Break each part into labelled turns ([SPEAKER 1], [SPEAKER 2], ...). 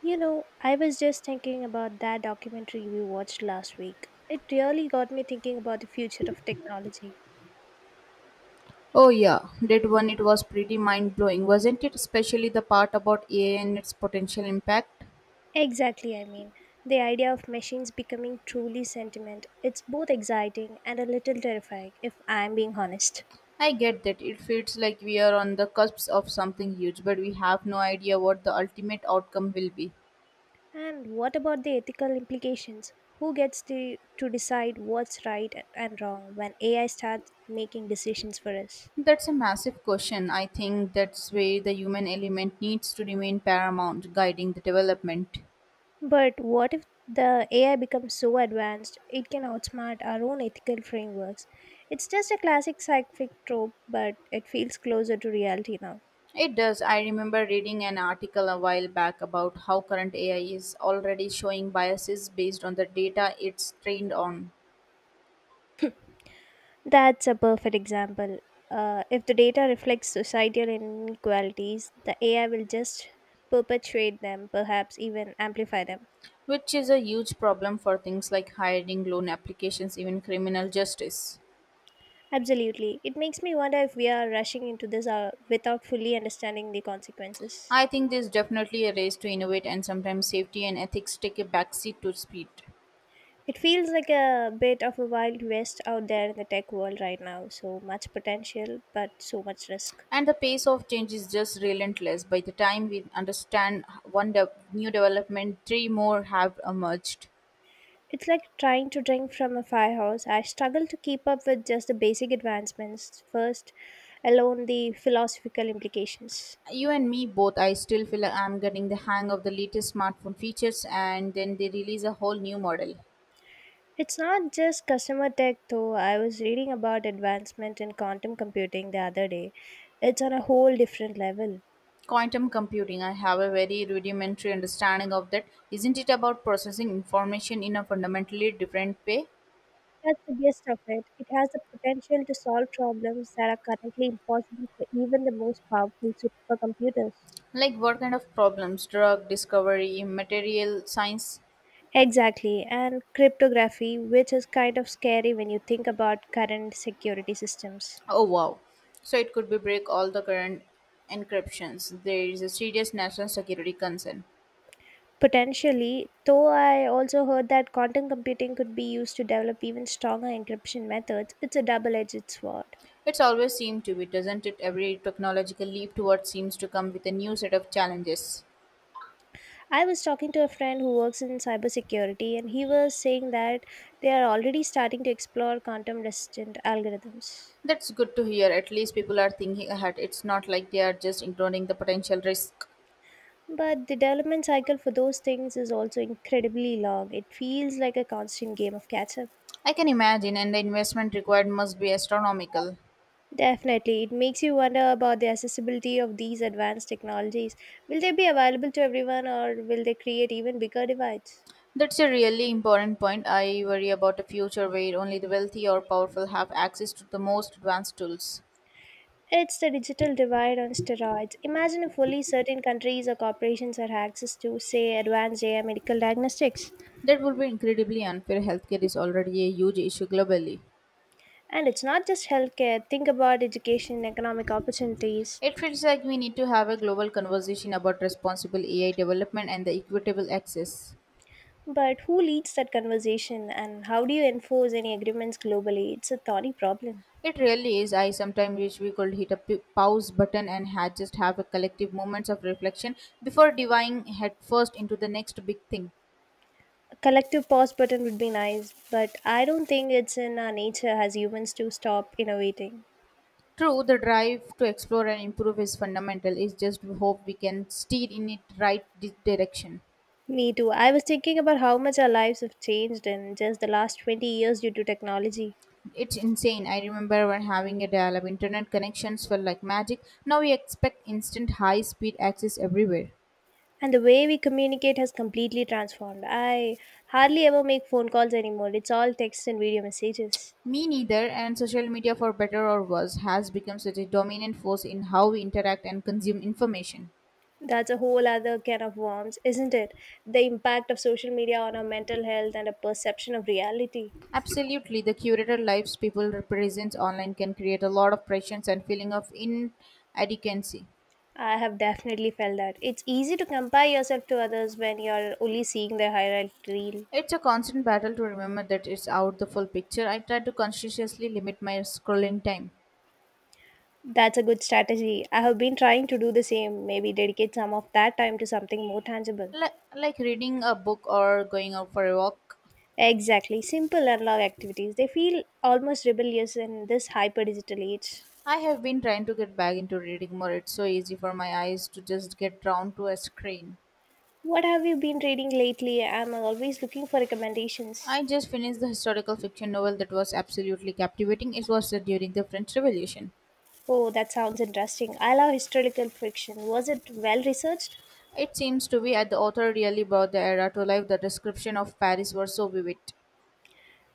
[SPEAKER 1] You know, I was just thinking about that documentary we watched last week. It really got me thinking about the future of technology.
[SPEAKER 2] Oh yeah, that one it was pretty mind blowing, wasn't it? Especially the part about AI and its potential impact.
[SPEAKER 1] Exactly, I mean, the idea of machines becoming truly sentient. It's both exciting and a little terrifying, if I'm being honest.
[SPEAKER 2] I get that it feels like we are on the cusp of something huge, but we have no idea what the ultimate outcome will be.
[SPEAKER 1] And what about the ethical implications? Who gets the, to decide what's right and wrong when AI starts making decisions for us?
[SPEAKER 2] That's a massive question. I think that's where the human element needs to remain paramount, guiding the development.
[SPEAKER 1] But what if the AI becomes so advanced it can outsmart our own ethical frameworks? It's just a classic sci-fi trope, but it feels closer to reality now.
[SPEAKER 2] It does. I remember reading an article a while back about how current AI is already showing biases based on the data it's trained on,
[SPEAKER 1] That's a perfect example. If the data reflects societal inequalities, the AI will just perpetuate them, perhaps even amplify them.
[SPEAKER 2] which is a huge problem for things like hiring, loan applications, even criminal justice.
[SPEAKER 1] Absolutely. It makes me wonder if we are rushing into this without fully understanding the consequences.
[SPEAKER 2] I think there's definitely a race to innovate, and sometimes safety and ethics take a backseat to speed.
[SPEAKER 1] It feels like a bit of a wild west out there in the tech world right now. So much potential, but so much risk.
[SPEAKER 2] And the pace of change is just relentless. By the time we understand new development, three more have emerged.
[SPEAKER 1] It's like trying to drink from a firehouse. I struggle to keep up with just the basic advancements first, alone the philosophical implications.
[SPEAKER 2] You and me both. I still feel like I'm getting the hang of the latest smartphone features, and then they release a whole new model.
[SPEAKER 1] It's not just customer tech though. I was reading about advancement in quantum computing the other day. It's on a whole different level.
[SPEAKER 2] Quantum computing, I have a very rudimentary understanding of that. Isn't it about processing information in a fundamentally different way?
[SPEAKER 1] That's the gist of it. It has the potential to solve problems that are currently impossible for even the most powerful supercomputers.
[SPEAKER 2] Like what kind of problems? Drug discovery, material science?
[SPEAKER 1] Exactly, and cryptography, which is kind of scary when you think about current security systems.
[SPEAKER 2] Oh wow. So it could be break all the current encryptions. There is a serious national security concern.
[SPEAKER 1] Potentially, though I also heard that quantum computing could be used to develop even stronger encryption methods. It's a double edged sword.
[SPEAKER 2] It's always seemed to be, doesn't it? Every technological leap towards seems to come with a new set of challenges.
[SPEAKER 1] I was talking to a friend who works in cybersecurity, and he was saying that they are already starting to explore quantum resistant algorithms.
[SPEAKER 2] That's good to hear. At least people are thinking ahead. It's not like they are just ignoring the potential risk.
[SPEAKER 1] But the development cycle for those things is also incredibly long. It feels like a constant game of catch up.
[SPEAKER 2] I can imagine, and the investment required must be astronomical.
[SPEAKER 1] Definitely, it makes you wonder about the accessibility of these advanced technologies. Will they be available to everyone or will they create even bigger divides?
[SPEAKER 2] That's a really important point. I worry about a future where only the wealthy or powerful have access to the most advanced tools.
[SPEAKER 1] It's the digital divide on steroids. Imagine if only certain countries or corporations had access to, say, advanced AI medical diagnostics.
[SPEAKER 2] That would be incredibly unfair. Healthcare is already a huge issue globally.
[SPEAKER 1] And it's not just healthcare, think about education, economic opportunities.
[SPEAKER 2] It feels like we need to have a global conversation about responsible AI development and the equitable access.
[SPEAKER 1] But who leads that conversation and how do you enforce any agreements globally? It's a thorny problem.
[SPEAKER 2] It really is. I sometimes wish we could hit a pause button and had just have a collective moments of reflection before diving headfirst into the next big thing.
[SPEAKER 1] A collective pause button would be nice, but I don't think it's in our nature as humans to stop innovating.
[SPEAKER 2] True, the drive to explore and improve is fundamental. It's just we hope we can steer in it right direction.
[SPEAKER 1] Me too. I was thinking about how much our lives have changed in just the last 20 years due to technology.
[SPEAKER 2] It's insane. I remember when having a dial-up internet connections felt like magic. Now we expect instant high-speed access everywhere.
[SPEAKER 1] And the way we communicate has completely transformed. I hardly ever make phone calls anymore. It's all text and video messages.
[SPEAKER 2] Me neither, and social media, for better or worse, has become such a dominant force in how we interact and consume information.
[SPEAKER 1] That's a whole other can of worms, isn't it? The impact of social media on our mental health and a perception of reality.
[SPEAKER 2] Absolutely, the curated lives people represents online can create a lot of pressures and feeling of inadequacy.
[SPEAKER 1] I have definitely felt that. It's easy to compare yourself to others when you're only seeing their highlight reel.
[SPEAKER 2] It's a constant battle to remember that it's out the full picture. I try to consciously limit my scrolling time.
[SPEAKER 1] That's a good strategy. I have been trying to do the same, maybe dedicate some of that time to something more tangible.
[SPEAKER 2] Like reading a book or going out for a walk.
[SPEAKER 1] Exactly. Simple analog activities. They feel almost rebellious in this hyper digital age.
[SPEAKER 2] I have been trying to get back into reading more. It's so easy for my eyes to just get drawn to a screen.
[SPEAKER 1] What have you been reading lately? I'm always looking for recommendations.
[SPEAKER 2] I just finished the historical fiction novel that was absolutely captivating. It was set during the French Revolution.
[SPEAKER 1] Oh, that sounds interesting. I love historical fiction. Was it well researched?
[SPEAKER 2] It seems to be that the author really brought the era to life. The description of Paris was so vivid.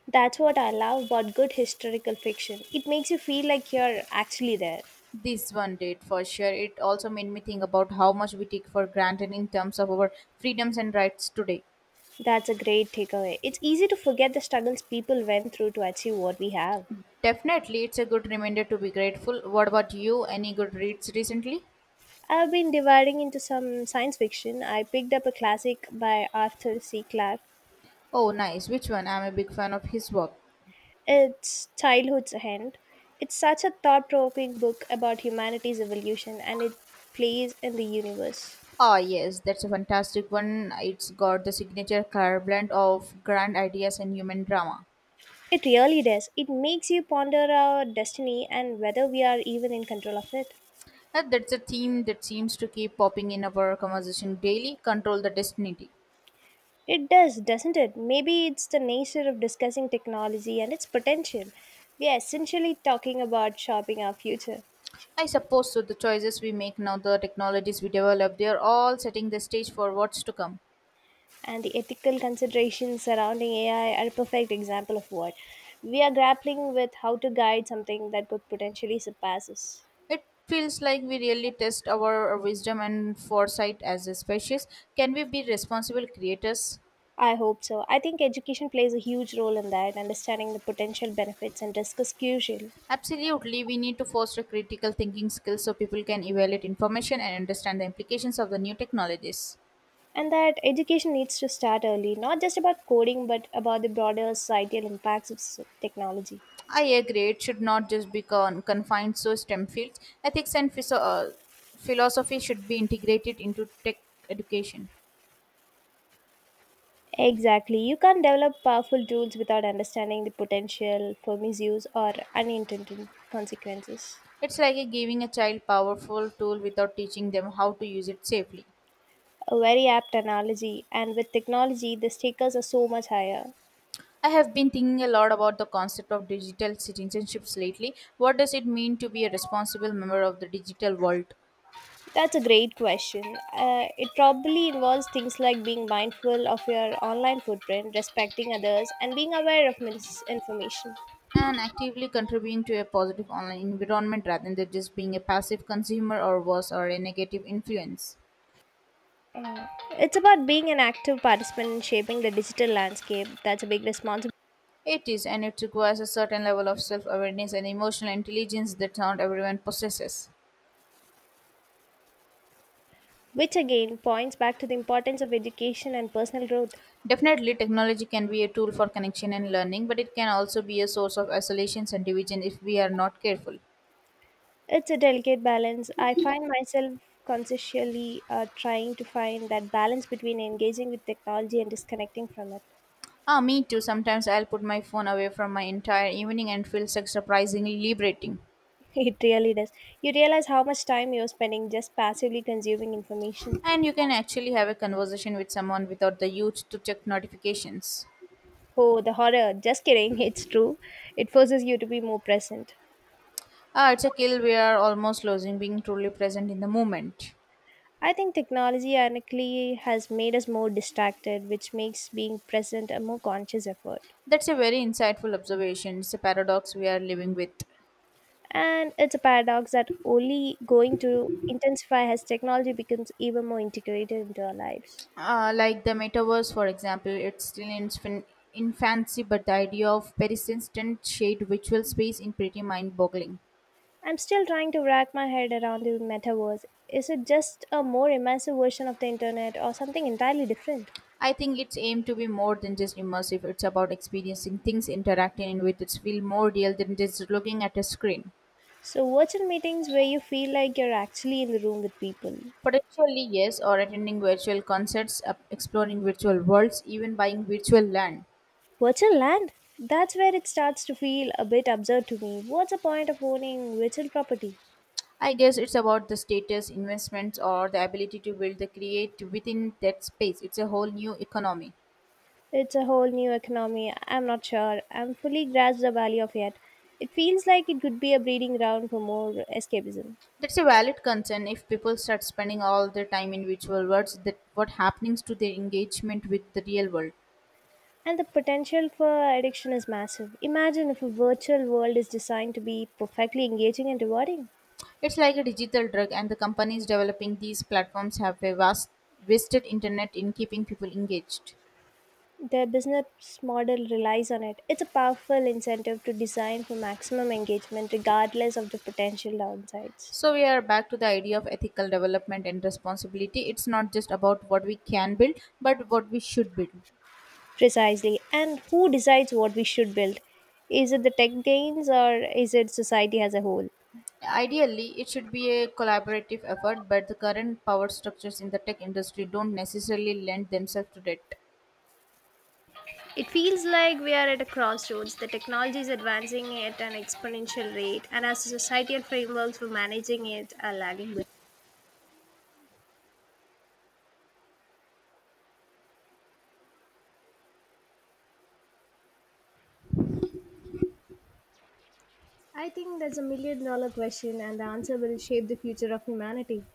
[SPEAKER 1] That's what I love about good historical fiction. It makes you feel like you're actually there.
[SPEAKER 2] This one did for sure. It also made me think about how much we take for granted in terms of our freedoms and rights today.
[SPEAKER 1] That's a great takeaway. It's easy to forget the struggles people went through to achieve what we have.
[SPEAKER 2] Definitely, it's a good reminder to be grateful. What about you? Any good reads recently?
[SPEAKER 1] I've been dividing into some science fiction. I picked up a classic by Arthur C. Clarke.
[SPEAKER 2] Oh, nice. Which one? I'm a big fan of his work.
[SPEAKER 1] It's Childhood's End. It's such a thought provoking book about humanity's evolution and its place in the universe.
[SPEAKER 2] Ah, yes, that's a fantastic one. It's got the signature color blend of grand ideas and human drama.
[SPEAKER 1] It really does. It makes you ponder our destiny and whether we are even in control of it.
[SPEAKER 2] That's a theme that seems to keep popping in our conversation daily. Control the destiny.
[SPEAKER 1] It does, doesn't it? Maybe it's the nature of discussing technology and its potential. We are essentially talking about shaping our future.
[SPEAKER 2] I suppose so. The choices we make now, the technologies we develop, they are all setting the stage for what's to come.
[SPEAKER 1] And the ethical considerations surrounding AI are a perfect example of what we are grappling with, how to guide something that could potentially surpass us.
[SPEAKER 2] It feels like we really test our wisdom and foresight as a species. Can we be responsible creators?
[SPEAKER 1] I hope so. I think education plays a huge role in that. Understanding the potential benefits and risks is crucial.
[SPEAKER 2] Absolutely, we need to foster critical thinking skills so people can evaluate information and understand the implications of the new technologies.
[SPEAKER 1] And that education needs to start early, not just about coding, but about the broader societal impacts of technology.
[SPEAKER 2] I agree, it should not just be confined to STEM fields. Ethics and philosophy should be integrated into tech education.
[SPEAKER 1] Exactly. You can't develop powerful tools without understanding the potential for misuse or unintended consequences.
[SPEAKER 2] It's like a giving a child powerful tool without teaching them how to use it safely.
[SPEAKER 1] A very apt analogy, and with technology, the stakes are so much higher.
[SPEAKER 2] I have been thinking a lot about the concept of digital citizenships lately. What does it mean to be a responsible member of the digital world
[SPEAKER 1] That's a great question. It probably involves things like being mindful of your online footprint, respecting others, and being aware of misinformation.
[SPEAKER 2] and actively contributing to a positive online environment rather than just being a passive consumer or worse or a negative influence?
[SPEAKER 1] It's about being an active participant in shaping the digital landscape. That's a big responsibility,
[SPEAKER 2] It is, and it requires a certain level of self awareness and emotional intelligence that not everyone possesses.
[SPEAKER 1] which again points back to the importance of education and personal growth.
[SPEAKER 2] Definitely, technology can be a tool for connection and learning, but it can also be a source of isolation and division if we are not careful.
[SPEAKER 1] It's a delicate balance. I find myself consciously trying to find that balance between engaging with technology and disconnecting from it.
[SPEAKER 2] Ah, me too. Sometimes I'll put my phone away from my entire evening and feel such surprisingly liberating.
[SPEAKER 1] It really does. You realize how much time you're spending just passively consuming information.
[SPEAKER 2] And you can actually have a conversation with someone without the urge to check notifications.
[SPEAKER 1] Oh, the horror. Just kidding. It's true. It forces you to be more present.
[SPEAKER 2] Ah, it's a kill we are almost losing being truly present in the moment.
[SPEAKER 1] I think technology ironically has made us more distracted, which makes being present a more conscious effort.
[SPEAKER 2] That's a very insightful observation. It's a paradox we are living with.
[SPEAKER 1] And it's a paradox that only going to intensify as technology becomes even more integrated into our lives.
[SPEAKER 2] Like the metaverse, for example, it's still in its infancy, but the idea of persistent shade virtual space is pretty mind-boggling.
[SPEAKER 1] I'm still trying to wrap my head around the metaverse. Is it just a more immersive version of the internet or something entirely different?
[SPEAKER 2] I think it's aimed to be more than just immersive. It's about experiencing things, interacting with it feel more real than just looking at a screen.
[SPEAKER 1] So, virtual meetings where you feel like you're actually in the room with people.
[SPEAKER 2] Potentially yes, or attending virtual concerts, exploring virtual worlds, even buying virtual land.
[SPEAKER 1] Virtual land? That's where it starts to feel a bit absurd to me. What's the point of owning virtual property?
[SPEAKER 2] I guess it's about the status investments or the ability to build the create within that space. It's a whole new economy.
[SPEAKER 1] It's a whole new economy. I'm not sure I'm fully grasped the value of yet. It feels like it could be a breeding ground for more escapism.
[SPEAKER 2] That's a valid concern. If people start spending all their time in virtual worlds, that what happens to their engagement with the real world?
[SPEAKER 1] And the potential for addiction is massive. Imagine if a virtual world is designed to be perfectly engaging and rewarding.
[SPEAKER 2] It's like a digital drug, and the companies developing these platforms have a vast wasted internet in keeping people engaged.
[SPEAKER 1] Their business model relies on it. It's a powerful incentive to design for maximum engagement regardless of the potential downsides.
[SPEAKER 2] So we are back to the idea of ethical development and responsibility. It's not just about what we can build, but what we should build.
[SPEAKER 1] Precisely. And who decides what we should build? Is it the tech gains or is it society as a whole?
[SPEAKER 2] Ideally, it should be a collaborative effort, but the current power structures in the tech industry don't necessarily lend themselves to that.
[SPEAKER 1] It feels like we are at a crossroads. The technology is advancing at an exponential rate, and as a society and frameworks for managing it are lagging behind. I think that's a million-dollar question, and the answer will shape the future of humanity.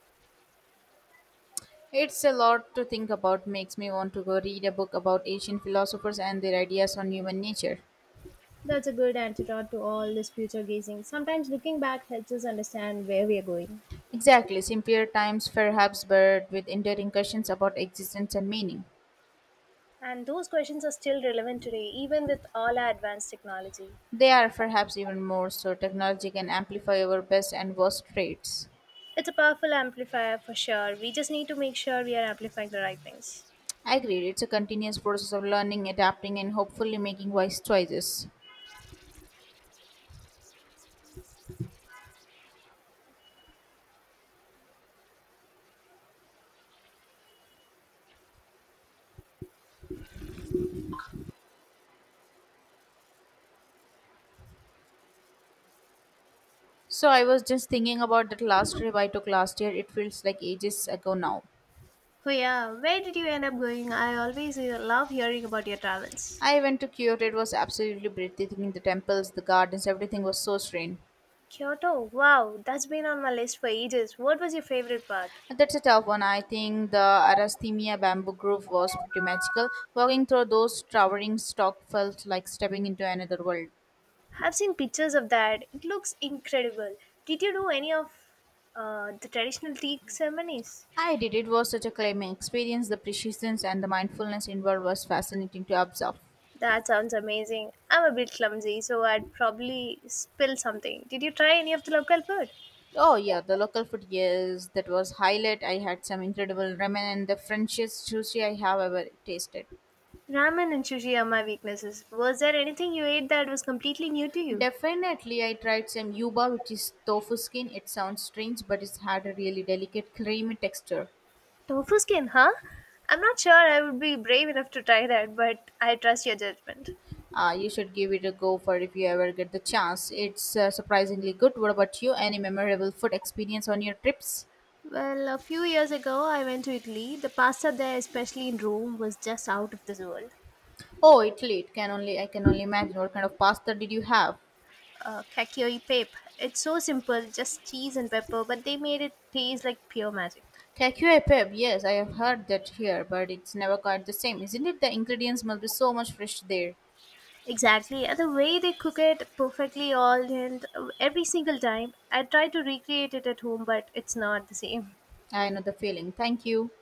[SPEAKER 2] It's a lot to think about. Makes me want to go read a book about ancient philosophers and their ideas on human nature.
[SPEAKER 1] That's a good antidote to all this future gazing. Sometimes looking back helps us understand where we are going.
[SPEAKER 2] Exactly, simpler times perhaps, but with enduring questions about existence and meaning.
[SPEAKER 1] And those questions are still relevant today, even with all our advanced technology.
[SPEAKER 2] They are perhaps even more so. Technology can amplify our best and worst traits.
[SPEAKER 1] It's a powerful amplifier for sure. We just need to make sure we are amplifying the right things.
[SPEAKER 2] I agree, it's a continuous process of learning, adapting, and hopefully making wise choices. So, I was just thinking about that last trip I took last year. It feels like ages ago now.
[SPEAKER 1] Oh yeah, where did you end up going? I always love hearing about your travels.
[SPEAKER 2] I went to Kyoto. It was absolutely breathtaking. The temples, the gardens, everything was so serene.
[SPEAKER 1] Kyoto, wow, that's been on my list for ages. What was your favorite part?
[SPEAKER 2] That's a tough one. I think the Arasthemia bamboo grove was pretty magical. Walking through those towering stalks felt like stepping into another world.
[SPEAKER 1] I've seen pictures of that. It looks incredible. Did you do any of the traditional tea ceremonies?
[SPEAKER 2] I did. It was such a claiming experience. The precision and the mindfulness involved was fascinating to observe.
[SPEAKER 1] That sounds amazing. I'm a bit clumsy, so I'd probably spill something. Did you try any of the local food?
[SPEAKER 2] Oh yeah, the local food, yes, that was highlight. I had some incredible ramen and the Frenchest sushi I have ever tasted.
[SPEAKER 1] Ramen and sushi are my weaknesses. Was there anything you ate that was completely new to you?
[SPEAKER 2] Definitely, I tried some yuba, which is tofu skin. It sounds strange, but it had a really delicate, creamy texture.
[SPEAKER 1] Tofu skin, huh? I'm not sure I would be brave enough to try that, but I trust your judgment.
[SPEAKER 2] You should give it a go for if you ever get the chance. It's surprisingly good. What about you? Any memorable food experience on your trips?
[SPEAKER 1] Well, a few years ago, I went to Italy. The pasta there, especially in Rome, was just out of this world.
[SPEAKER 2] Oh, Italy! It can only I can only imagine. What kind of pasta did you have?
[SPEAKER 1] Cacchio e pepe. It's so simple, just cheese and pepper, but they made it taste like pure magic.
[SPEAKER 2] Cacio e pepe. Yes, I have heard that here, but it's never quite the same, isn't it? The ingredients must be so much fresh there.
[SPEAKER 1] Exactly. And the way they cook it perfectly all and every single time. I try to recreate it at home, but it's not the same.
[SPEAKER 2] I know the feeling. Thank you.